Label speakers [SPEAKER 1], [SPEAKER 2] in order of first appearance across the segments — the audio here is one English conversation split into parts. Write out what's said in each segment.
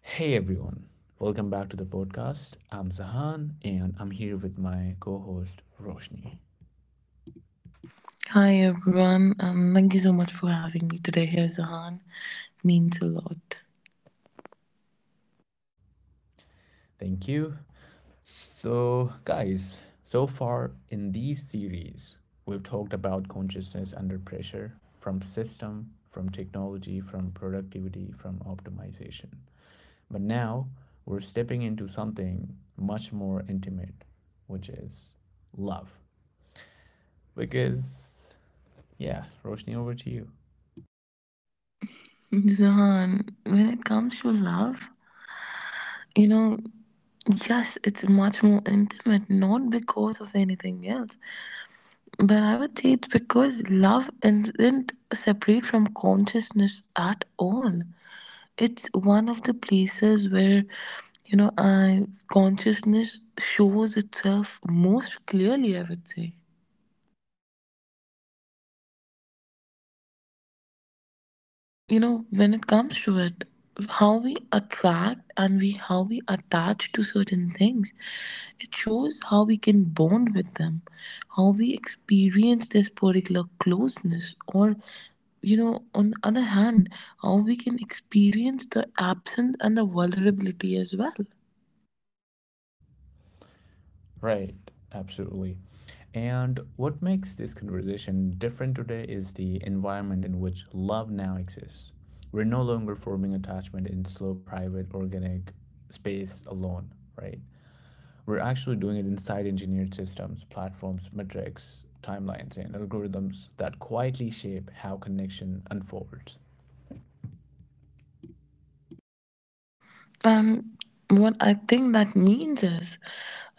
[SPEAKER 1] Hey everyone, welcome back to the podcast. I'm Zahan and I'm here with my co host Roshni.
[SPEAKER 2] Hi everyone. Thank you so much for having me today here, Zahan. Means a lot.
[SPEAKER 1] Thank you. So, guys, so far in these series, we've talked about consciousness under pressure from system, from technology, from productivity, from optimization. But now we're stepping into something much more intimate, which is love. Because yeah, Roshni, over to you.
[SPEAKER 2] Zahan, when it comes to love, you know, yes, it's much more intimate, not because of anything else, but I would say it's because love isn't separate from consciousness at all. It's one of the places where, I consciousness shows itself most clearly, I would say. When it comes to it, how we attract and we how we attach to certain things, it shows how we can bond with them, how we experience this particular closeness or, on the other hand, how we can experience the absence and the vulnerability as well.
[SPEAKER 1] Right, absolutely. And what makes this conversation different today is the environment in which love now exists. We're no longer forming attachment in slow, private, organic space alone, right? We're actually doing it inside engineered systems, platforms, metrics, timelines, and algorithms that quietly shape how connection unfolds.
[SPEAKER 2] um, what I think that means is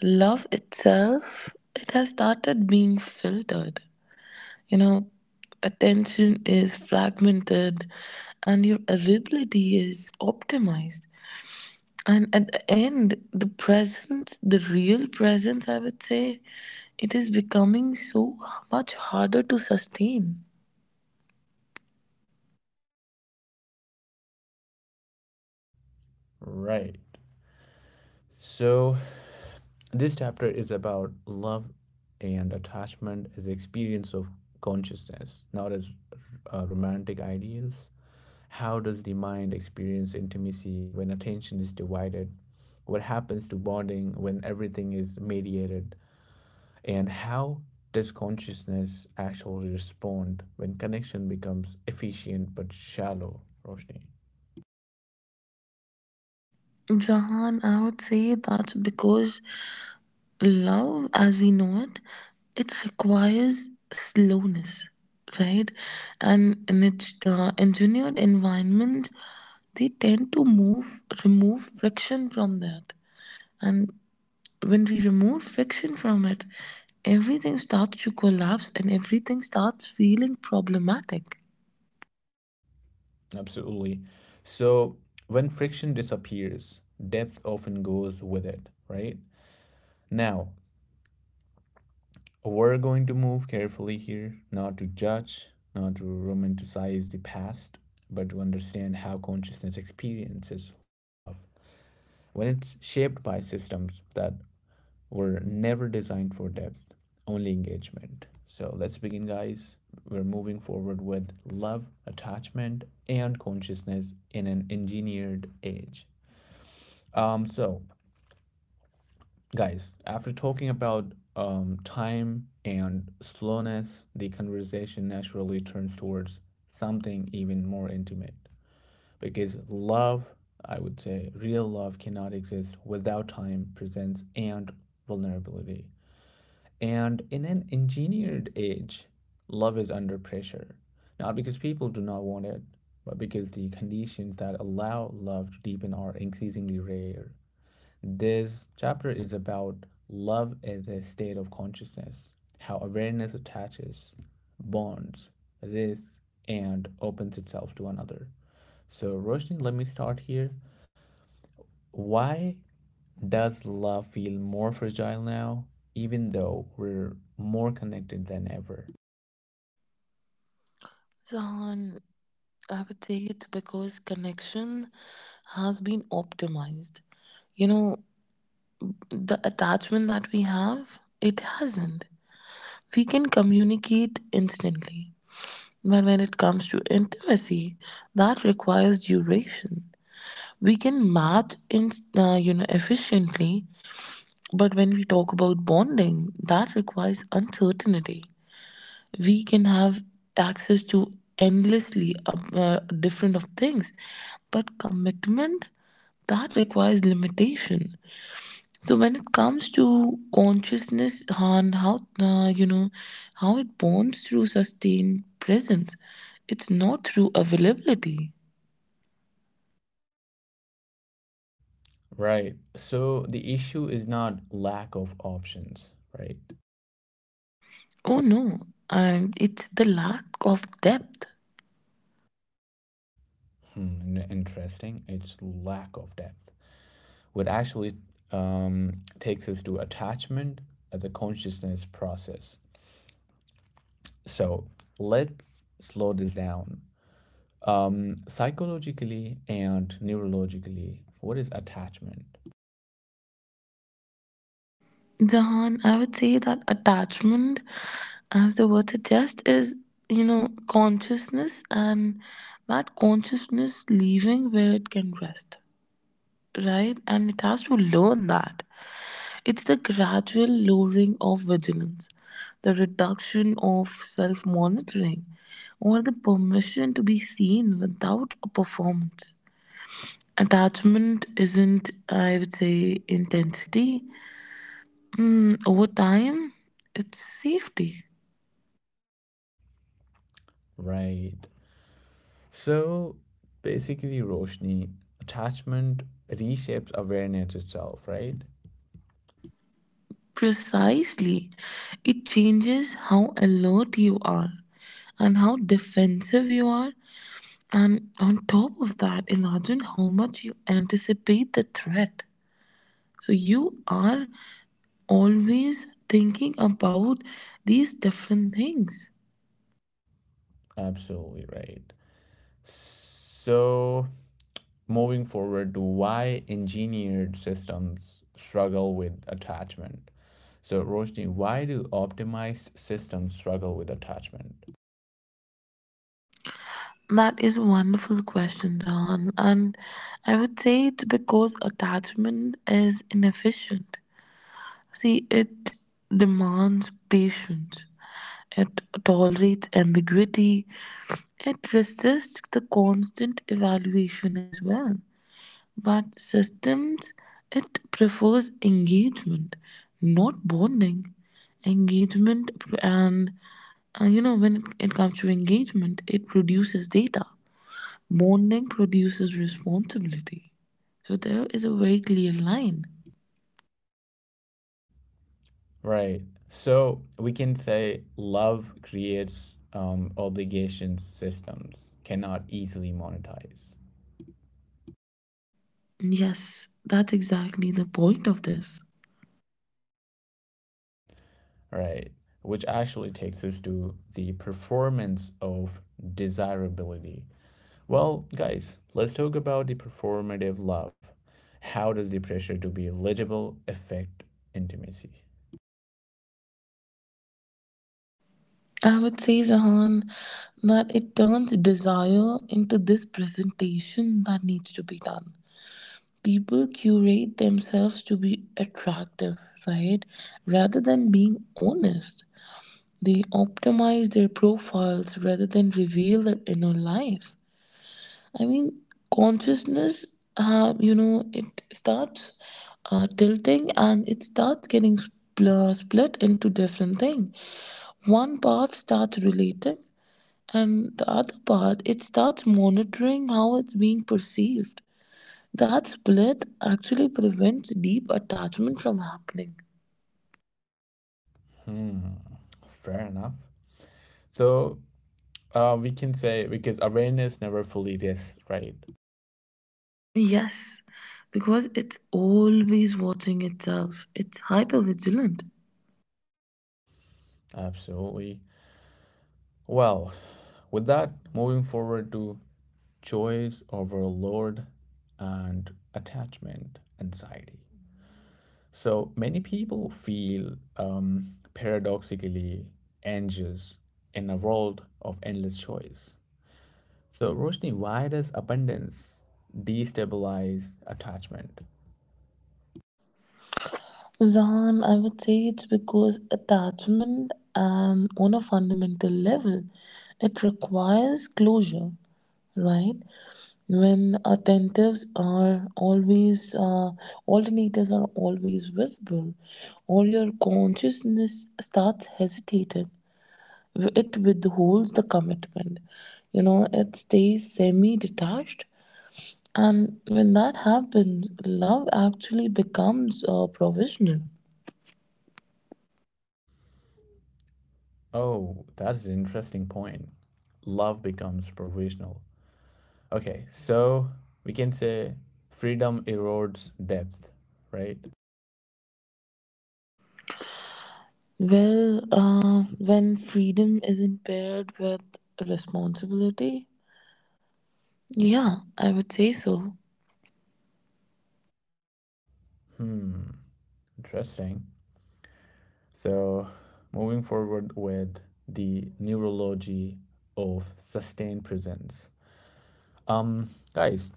[SPEAKER 2] love itself, it has started being filtered. You know, attention is fragmented and your availability is optimized. And at the end, the presence, the real presence, I would say, it is becoming so much harder to sustain.
[SPEAKER 1] Right. So, this chapter is about love and attachment as experience of consciousness, not as romantic ideals. How does the mind experience intimacy when attention is divided? What happens to bonding when everything is mediated? And how does consciousness actually respond when connection becomes efficient but shallow, Roshni?
[SPEAKER 2] Jahan, I would say that's because love as we know it, it requires slowness, right? And in its engineered environment, they tend to move remove friction from that. And when we remove friction from it, everything starts to collapse and everything starts feeling problematic.
[SPEAKER 1] Absolutely. So, when friction disappears, depth often goes with it, right? Now, we're going to move carefully here, not to judge, not to romanticize the past, but to understand how consciousness experiences love when it's shaped by systems that were never designed for depth, only engagement. So let's begin, guys. We're moving forward with love, attachment, and consciousness in an engineered age. So guys, after talking about time and slowness, the conversation naturally turns towards something even more intimate. Because love, I would say, real love cannot exist without time, presence, and vulnerability. And in an engineered age, love is under pressure. Not because people do not want it, but because the conditions that allow love to deepen are increasingly rare. This chapter is about love as a state of consciousness, how awareness attaches, bonds, this, and opens itself to another. So, Roshni, let me start here. Why does love feel more fragile now, even though we're more connected than ever?
[SPEAKER 2] Zahan, I would say it's because connection has been optimized. You know, the attachment that we have, it hasn't. We can communicate instantly. But when it comes to intimacy, that requires duration. We can match in, you know, efficiently, but when we talk about bonding, that requires uncertainty. We can have access to endlessly different of things, but commitment, that requires limitation. So when it comes to consciousness and how, you know, how it bonds through sustained presence, it's not through availability.
[SPEAKER 1] Right. So, the issue is not lack of options, right?
[SPEAKER 2] Oh no, and it's the lack of depth.
[SPEAKER 1] Hmm, interesting. It's lack of depth. What actually takes us to attachment as a consciousness process. So let's slow this down. Psychologically and neurologically, what is attachment?
[SPEAKER 2] Jahan, I would say that attachment, as the word suggests, is, you know, consciousness and that consciousness leaving where it can rest, right? And it has to learn that. It's the gradual lowering of vigilance, the reduction of self monitoring, or the permission to be seen without a performance. Attachment isn't, I would say, intensity. Mm, over time, it's safety.
[SPEAKER 1] Right. So basically, Roshni, attachment reshapes awareness itself, right?
[SPEAKER 2] Precisely. It changes how alert you are and how defensive you are. And on top of that, imagine how much you anticipate the threat. So you are always thinking about these different things.
[SPEAKER 1] Absolutely right. So, moving forward to why engineered systems struggle with attachment. So, Roshni, why do optimized systems struggle with attachment?
[SPEAKER 2] That is a wonderful question, John. And I would say it's because attachment is inefficient. See, it demands patience, it tolerates ambiguity, it resists the constant evaluation as well. But systems, it prefers engagement, not bonding. And you know, when it comes to engagement, it produces data. Bonding produces responsibility. So there is a very clear line.
[SPEAKER 1] Right. So, we can say love creates obligation systems, cannot easily monetize.
[SPEAKER 2] Yes, that's exactly the point of this.
[SPEAKER 1] Right. Which actually takes us to the performance of desirability. Well, guys, let's talk about the performative love. How does the pressure to be eligible affect intimacy?
[SPEAKER 2] I would say, Zahan, that it turns desire into this presentation that needs to be done. People curate themselves to be attractive, right? Rather than being honest, they optimize their profiles rather than reveal their inner life. I mean, consciousness, you know, it starts tilting and it starts getting split into different things. One part starts relating, and the other part it starts monitoring how it's being perceived. That split actually prevents deep attachment from happening.
[SPEAKER 1] Hmm, fair enough. So, we can say because awareness never fully rests, right?
[SPEAKER 2] Yes, because it's always watching itself. It's hypervigilant.
[SPEAKER 1] Absolutely. Well, with that, moving forward to choice over load and attachment anxiety. So many people feel paradoxically anxious in a world of endless choice. So, Roshni, why does abundance destabilize attachment?
[SPEAKER 2] Zan, I would say it's because attachment, and on a fundamental level, it requires closure, right? When alternatives are always visible, or your consciousness starts hesitating, it withholds the commitment. You know, it stays semi detached, and when that happens love actually becomes provisional.
[SPEAKER 1] Oh, that is an interesting point. Love becomes provisional. Okay, so we can say freedom erodes depth, right?
[SPEAKER 2] Well, when freedom is impaired with responsibility, yeah, I would say so.
[SPEAKER 1] Hmm, interesting. So, moving forward with the neurology of sustained presence. Um, guys,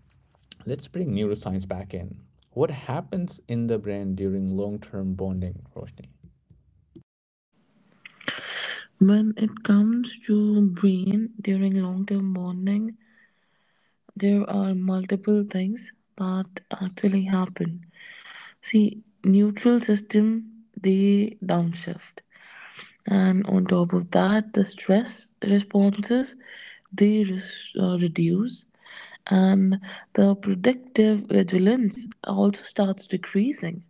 [SPEAKER 1] let's bring neuroscience back in. What happens in the brain during long-term bonding, Roshni?
[SPEAKER 2] When it comes to brain during long term bonding, there are multiple things that actually happen. See, neutral system, they downshift, and on top of that the stress responses, they reduce, and the predictive vigilance also starts decreasing.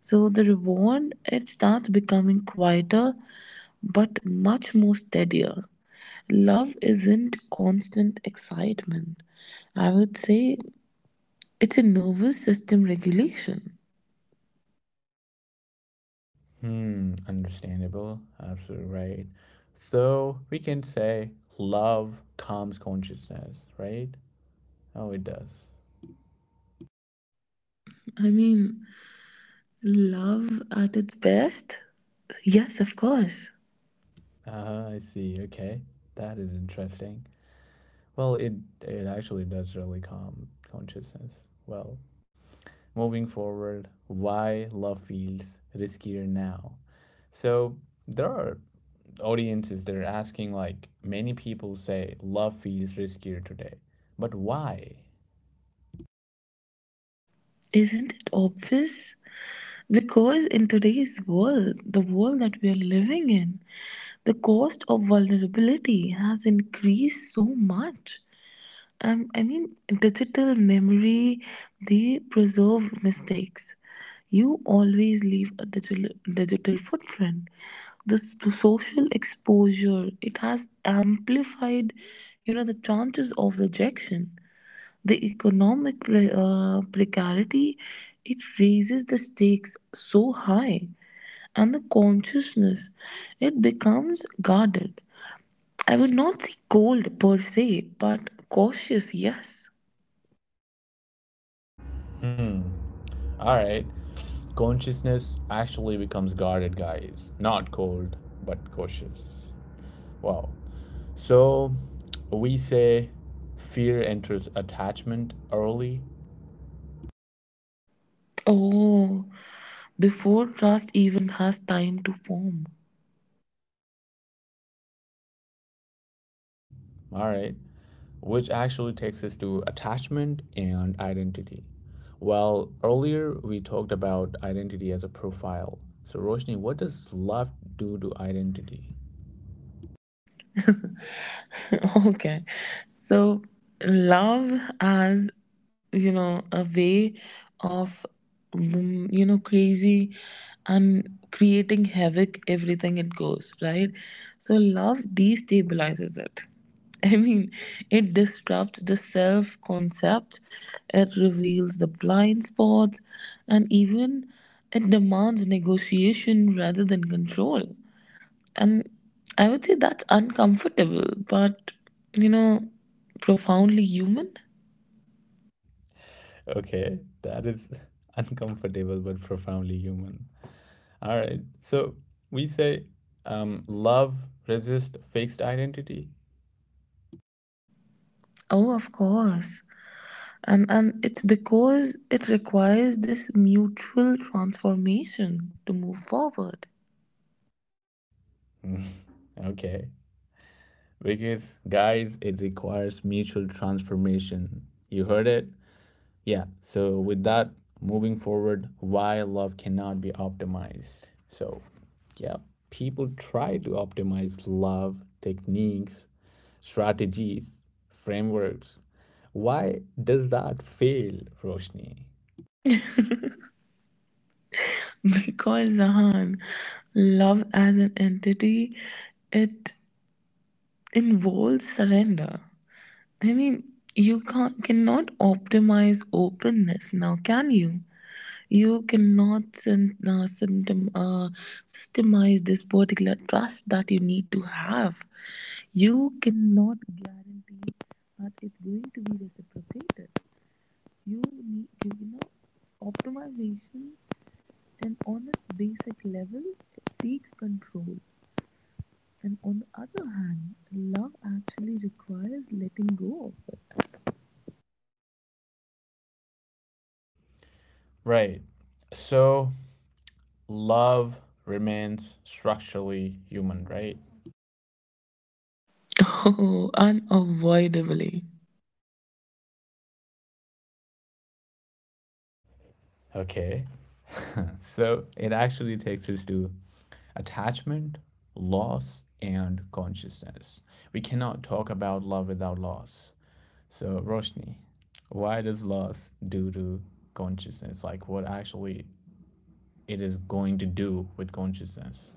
[SPEAKER 2] So the reward, it starts becoming quieter but much more steadier. Love isn't constant excitement, I would say. It's a nervous system regulation.
[SPEAKER 1] Hmm, understandable. Absolutely right. So we can say love calms consciousness, right? Oh, it does.
[SPEAKER 2] I mean, love at its best, yes, of course.
[SPEAKER 1] I see. Okay, that is interesting. Well, it actually does really calm consciousness. Well, moving forward, why love feels riskier now? So there are audiences that are asking like many people say love feels riskier today, but why?
[SPEAKER 2] Isn't it obvious? Because in today's world, the world that we are living in, the cost of vulnerability has increased so much. I mean, digital memory, they preserve mistakes. You always leave a digital footprint. The social exposure, it has amplified, you know, the chances of rejection. The economic precarity, it raises the stakes so high, and the consciousness, it becomes guarded. I would not say cold per se, but cautious, yes.
[SPEAKER 1] All right, consciousness actually becomes guarded, guys. Not cold, but cautious. Wow. So we say fear enters attachment early,
[SPEAKER 2] Oh, before trust even has time to form.
[SPEAKER 1] all right, which actually takes us to attachment and identity. Well, earlier we talked about identity as a profile. So, Roshni, what does love do to identity?
[SPEAKER 2] Okay. So, love as, you know, a way of, mm, you know, crazy and creating havoc everything it goes, right? So, love destabilizes it. I mean, it disrupts the self concept, it reveals the blind spots, and even it demands negotiation rather than control. And I would say that's uncomfortable, but, you know, profoundly human.
[SPEAKER 1] Okay, that is uncomfortable but profoundly human. All right, so we say love resists fixed identity.
[SPEAKER 2] Oh, of course. And it's because it requires this mutual transformation to move forward.
[SPEAKER 1] Okay, because, guys, it requires mutual transformation. You heard it? Yeah. So, with that, moving forward, why love cannot be optimized. So, yeah, people try to optimize love, techniques, strategies, frameworks. Why does that fail, Roshni?
[SPEAKER 2] Because Zahan, love as an entity, it involves surrender. I mean, you can't cannot optimize openness now, can you? You cannot systemize this particular trust that you need to have. You cannot guarantee that it's going to be reciprocated. You need, you know, optimization, and on its basic level seeks control. And on the other hand, love actually requires letting go of it.
[SPEAKER 1] Right. So, love remains structurally human, right?
[SPEAKER 2] Oh, unavoidably.
[SPEAKER 1] Okay. So it actually takes us to attachment, loss, and consciousness. We cannot talk about love without loss. So, Roshni, why does loss do to consciousness? Like, what actually it is going to do with consciousness?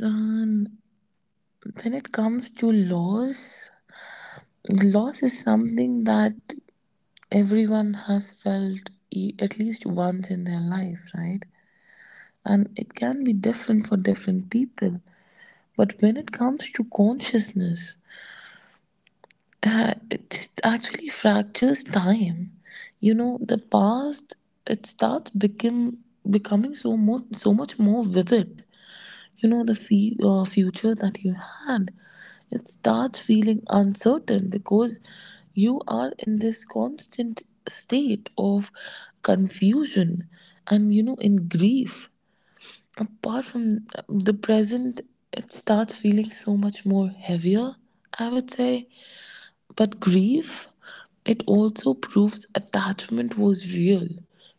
[SPEAKER 2] Son, when it comes to loss, loss is something that everyone has felt at least once in their life, right? And it can be different for different people. But when it comes to consciousness, it actually fractures time. You know, the past, it starts become becoming so much more vivid. You know, the future that you had, it starts feeling uncertain because you are in this constant state of confusion. And you know, in grief, apart from the present, it starts feeling so much more heavier, I would say. But grief, it also proves attachment was real.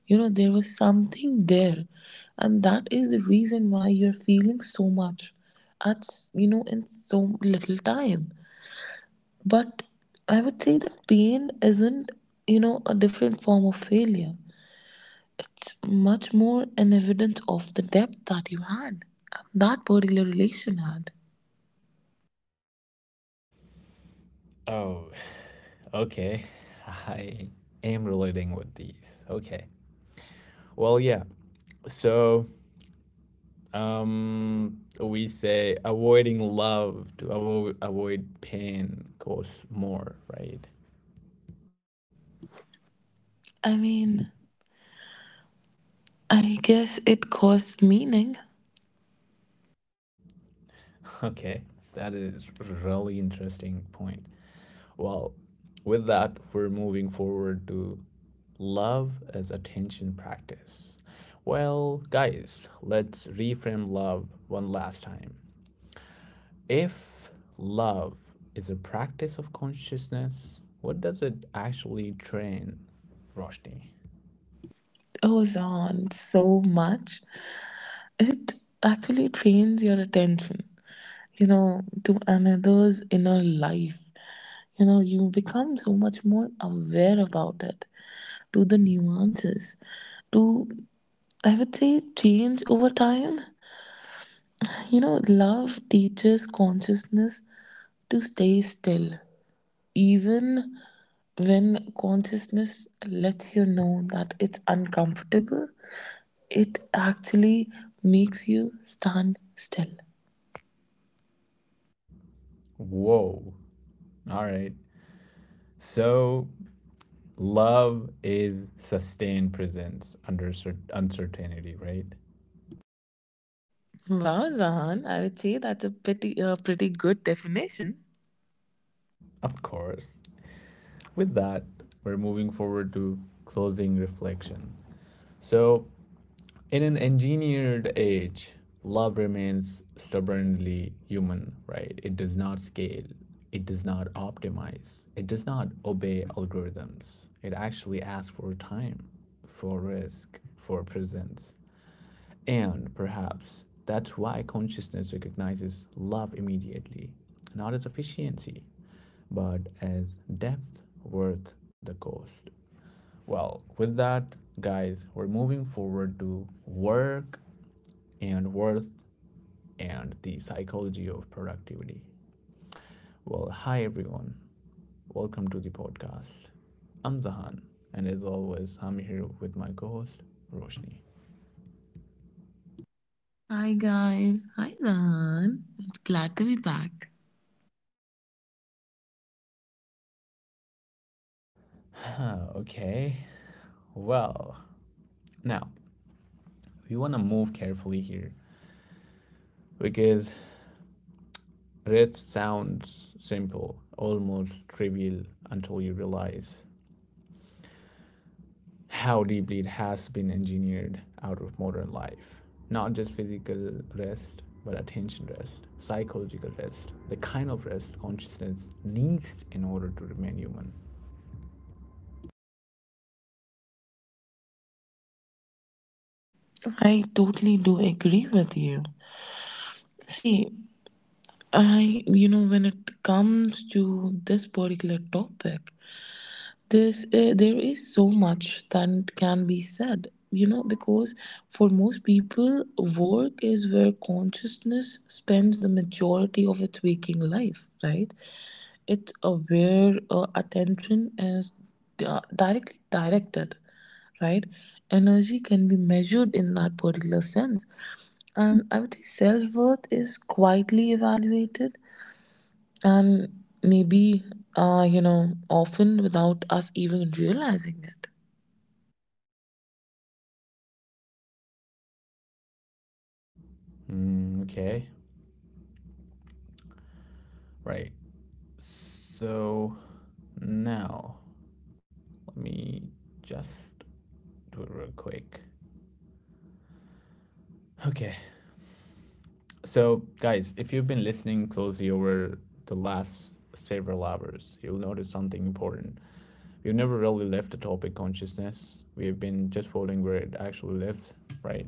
[SPEAKER 2] You know, there was something there. And that is the reason why you're feeling so much at, you know, in so little time. But I would say that pain isn't, you know, a different form of failure. It's much more an evidence of the depth that you had, and that particular relation had.
[SPEAKER 1] Oh, okay. I am relating with these. Okay. Well, yeah. So, we say avoiding love to avoid pain cause more, right?
[SPEAKER 2] I mean, I guess it caused meaning.
[SPEAKER 1] Okay, that is really interesting point. Well, with that, we're moving forward to love as attention practice. Well, guys, let's reframe love one last time. If love is a practice of consciousness, what does it actually train, Roshni?
[SPEAKER 2] Goes on so much, it actually trains your attention, you know, to another's inner life. You know, you become so much more aware about it, to the nuances, to, I would say, change over time. You know, love teaches consciousness to stay still, even when consciousness lets you know that it's uncomfortable. It actually makes you stand still.
[SPEAKER 1] Whoa, all right. So love is sustained presence under uncertainty, right?
[SPEAKER 2] Wow, Zahan, I would say that's a pretty, pretty good definition.
[SPEAKER 1] Of course. With that, we're moving forward to closing reflection. So, in an engineered age, love remains stubbornly human, right? It does not scale, it does not optimize, it does not obey algorithms. It actually asks for time, for risk, for presence. And perhaps that's why consciousness recognizes love immediately, not as efficiency, but as depth worth the cost. Well, with that, guys, we're moving forward to work and worth and the psychology of productivity. Well, hi everyone. Welcome to the podcast. I'm Zahan, and as always, I'm here with my co host, Roshni.
[SPEAKER 2] Hi guys, hi Zahan. It's glad to be back.
[SPEAKER 1] Okay, well, now we want to move carefully here because rest sounds simple, almost trivial until you realize how deeply it has been engineered out of modern life. Not just physical rest, but attention rest, psychological rest, the kind of rest consciousness needs in order to remain human.
[SPEAKER 2] I totally do agree with you. See, I you know, when it comes to this particular topic, This there is so much that can be said, you know, because for most people, work is where consciousness spends the majority of its waking life, right? It's where attention is directly directed, right? Energy can be measured in that particular sense, and I would say self worth is quietly evaluated, and maybe you know, often without us even realizing it.
[SPEAKER 1] Mm, okay, right. So now let me just do it real quick. Okay, so, guys, if you've been listening closely over the last several hours, you'll notice something important. We've never really left the topic consciousness. We have been just folding where it actually lives, right?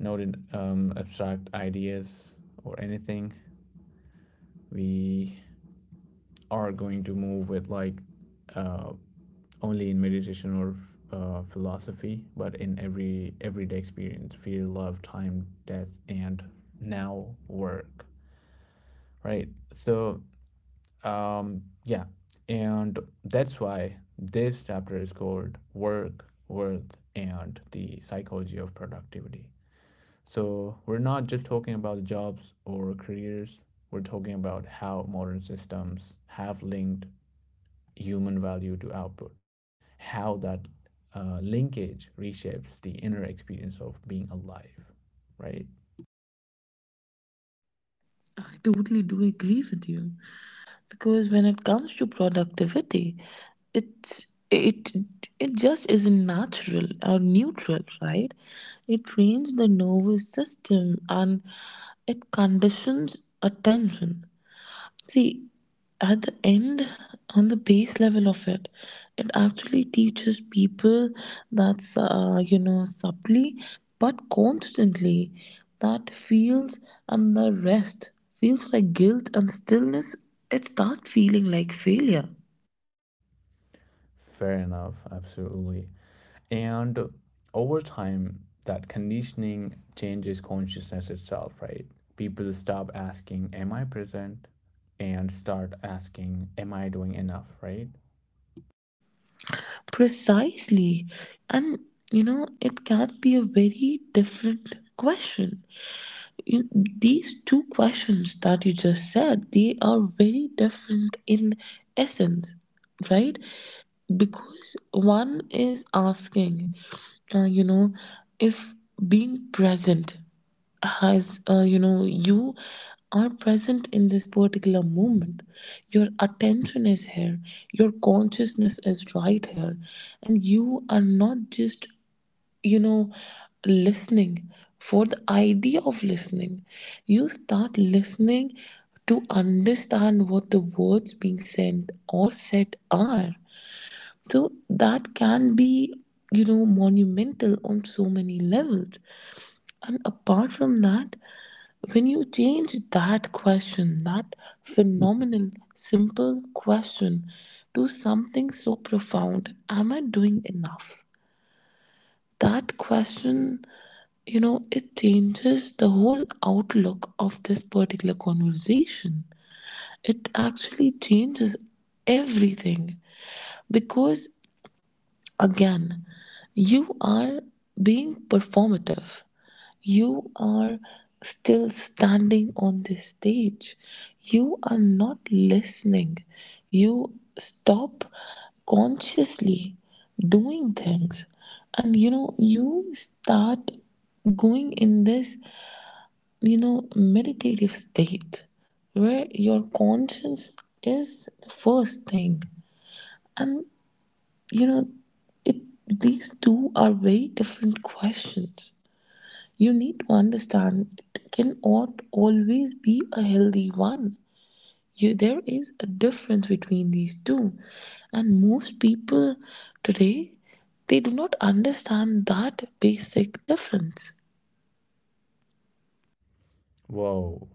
[SPEAKER 1] Not in abstract ideas or anything. We are going to move with like uh, only in meditation or philosophy, but in every everyday experience, fear, love, time, death, and now work, right? So yeah, and that's why this chapter is called Work, Worth, and the Psychology of Productivity. So, we're not just talking about jobs or careers, we're talking about how modern systems have linked human value to output, how that linkage reshapes the inner experience of being alive, right?
[SPEAKER 2] I totally do agree with you, because when it comes to productivity, it it it just isn't natural or neutral, right? It trains the nervous system, and it conditions attention. See, at the end, on the base level of it, it actually teaches people that, you know, subtly but constantly, that feels, and the rest feels like guilt, and stillness, it starts feeling like failure.
[SPEAKER 1] Fair enough, absolutely. And over time that conditioning changes consciousness itself, right? People stop asking am I present and start asking am I doing enough, right?
[SPEAKER 2] Precisely. And, you know, it can be a very different question. You, these two questions that you just said, they are very different in essence, right? Because one is asking, you know, if being present has, you know, you are present in this particular moment, your attention is here, your consciousness is right here, and you are not just, you know, listening for the idea of listening. You start listening to understand what the words being sent or said are. So that can be, you know, monumental on so many levels. And apart from that, when you change that question, that phenomenal simple question, to something so profound, am I doing enough, that question, you know, it changes the whole outlook of this particular conversation. It actually changes everything because, again, you are being performative. You are still standing on this stage. You are not listening. You stop consciously doing things. And you know, you start going in this, you know, meditative state where your conscience is the first thing. And you know, it, these two are very different questions. You need to understand it cannot always be a healthy one. You, there is a difference between these two, and most people today, they do not understand that basic difference.
[SPEAKER 1] Whoa,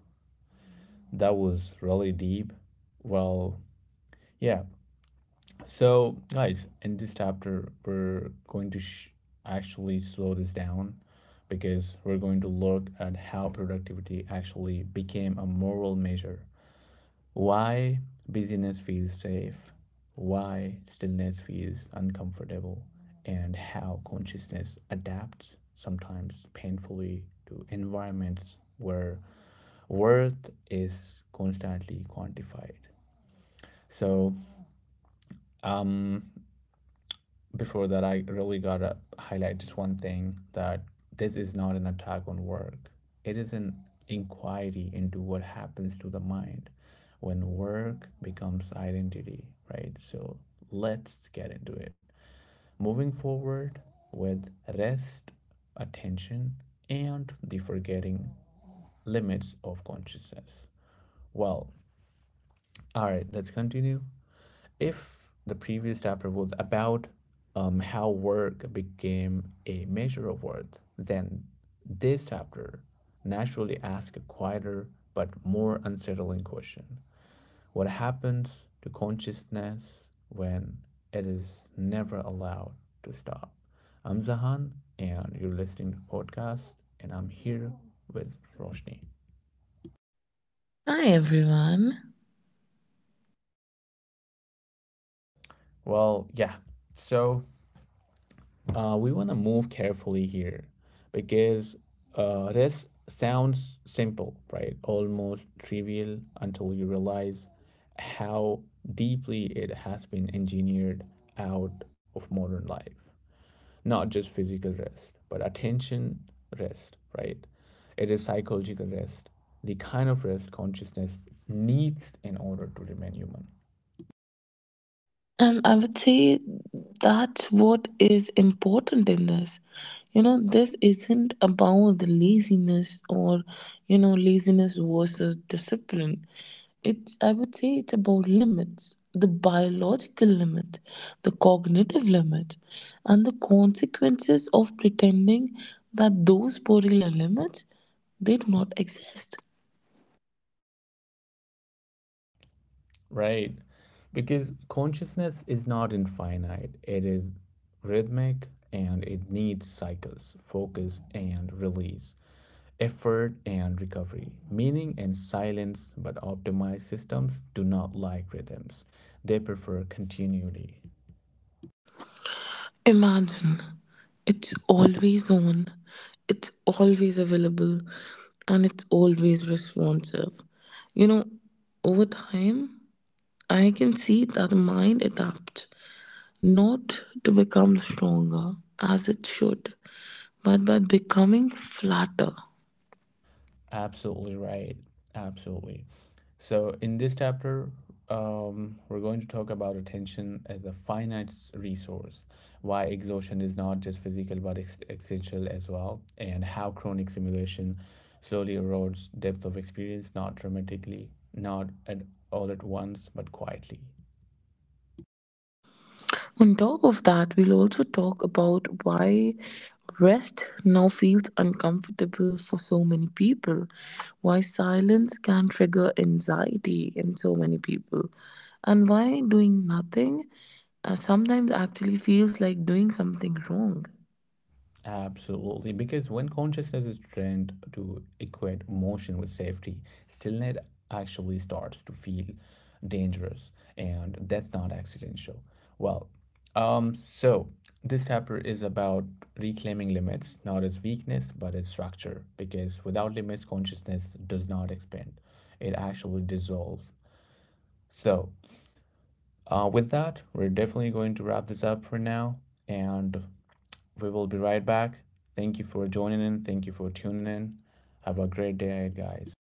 [SPEAKER 1] that was really deep. Well, yeah, so guys, in this chapter we're going to actually slow this down because we're going to look at how productivity actually became a moral measure. Why busyness feels safe, why stillness feels uncomfortable, and how consciousness adapts, sometimes painfully, to environments where worth is constantly quantified. So, um, before that, I really gotta highlight just one thing that this is not an attack on work. It is an inquiry into what happens to the mind when work becomes identity, right? So let's get into it. Moving forward with rest, attention, and the forgetting limits of consciousness. Well, all right, let's continue. If the previous chapter was about how work became a measure of worth, then this chapter naturally asks a quieter but more unsettling question. What happens to consciousness when it is never allowed to stop? I'm Zahan, and you're listening to the podcast, and I'm here with Roshni.
[SPEAKER 2] Hi everyone.
[SPEAKER 1] Well, yeah. So we want to move carefully here because this sounds simple, right? Almost trivial until you realize how deeply it has been engineered out of modern life. Not just physical rest, but attention rest, right? It is psychological rest, the kind of rest consciousness needs in order to remain human.
[SPEAKER 2] And I would say that's what is important in this. You know, this isn't about the laziness, or, you know, laziness versus discipline. It's, I would say, it's about limits, the biological limit, the cognitive limit, and the consequences of pretending that those particular limits, they do not exist.
[SPEAKER 1] Right. Because consciousness is not infinite, it is rhythmic and it needs cycles, focus and release, effort and recovery, meaning and silence. But optimized systems do not like rhythms, they prefer continuity.
[SPEAKER 2] Imagine it's always on, it's always available, and it's always responsive. You know, over time, I can see that the mind adapts not to become stronger as it should, but by becoming flatter.
[SPEAKER 1] Absolutely right. Absolutely. So, in this chapter, we're going to talk about attention as a finite resource, why exhaustion is not just physical but existential as well, and how chronic stimulation slowly erodes depth of experience, not dramatically, not at all at once, but quietly.
[SPEAKER 2] On top of that, we'll also talk about why rest now feels uncomfortable for so many people, why silence can trigger anxiety in so many people, and why doing nothing sometimes actually feels like doing something wrong.
[SPEAKER 1] Absolutely, because when consciousness is trained to equate motion with safety, stillness actually starts to feel dangerous, and that's not accidental. Well, so this chapter is about reclaiming limits, not as weakness, but as structure, because without limits, consciousness does not expand, it actually dissolves. So, with that, we're definitely going to wrap this up for now, and we will be right back. Thank you for joining in. Thank you for tuning in. Have a great day, ahead, guys.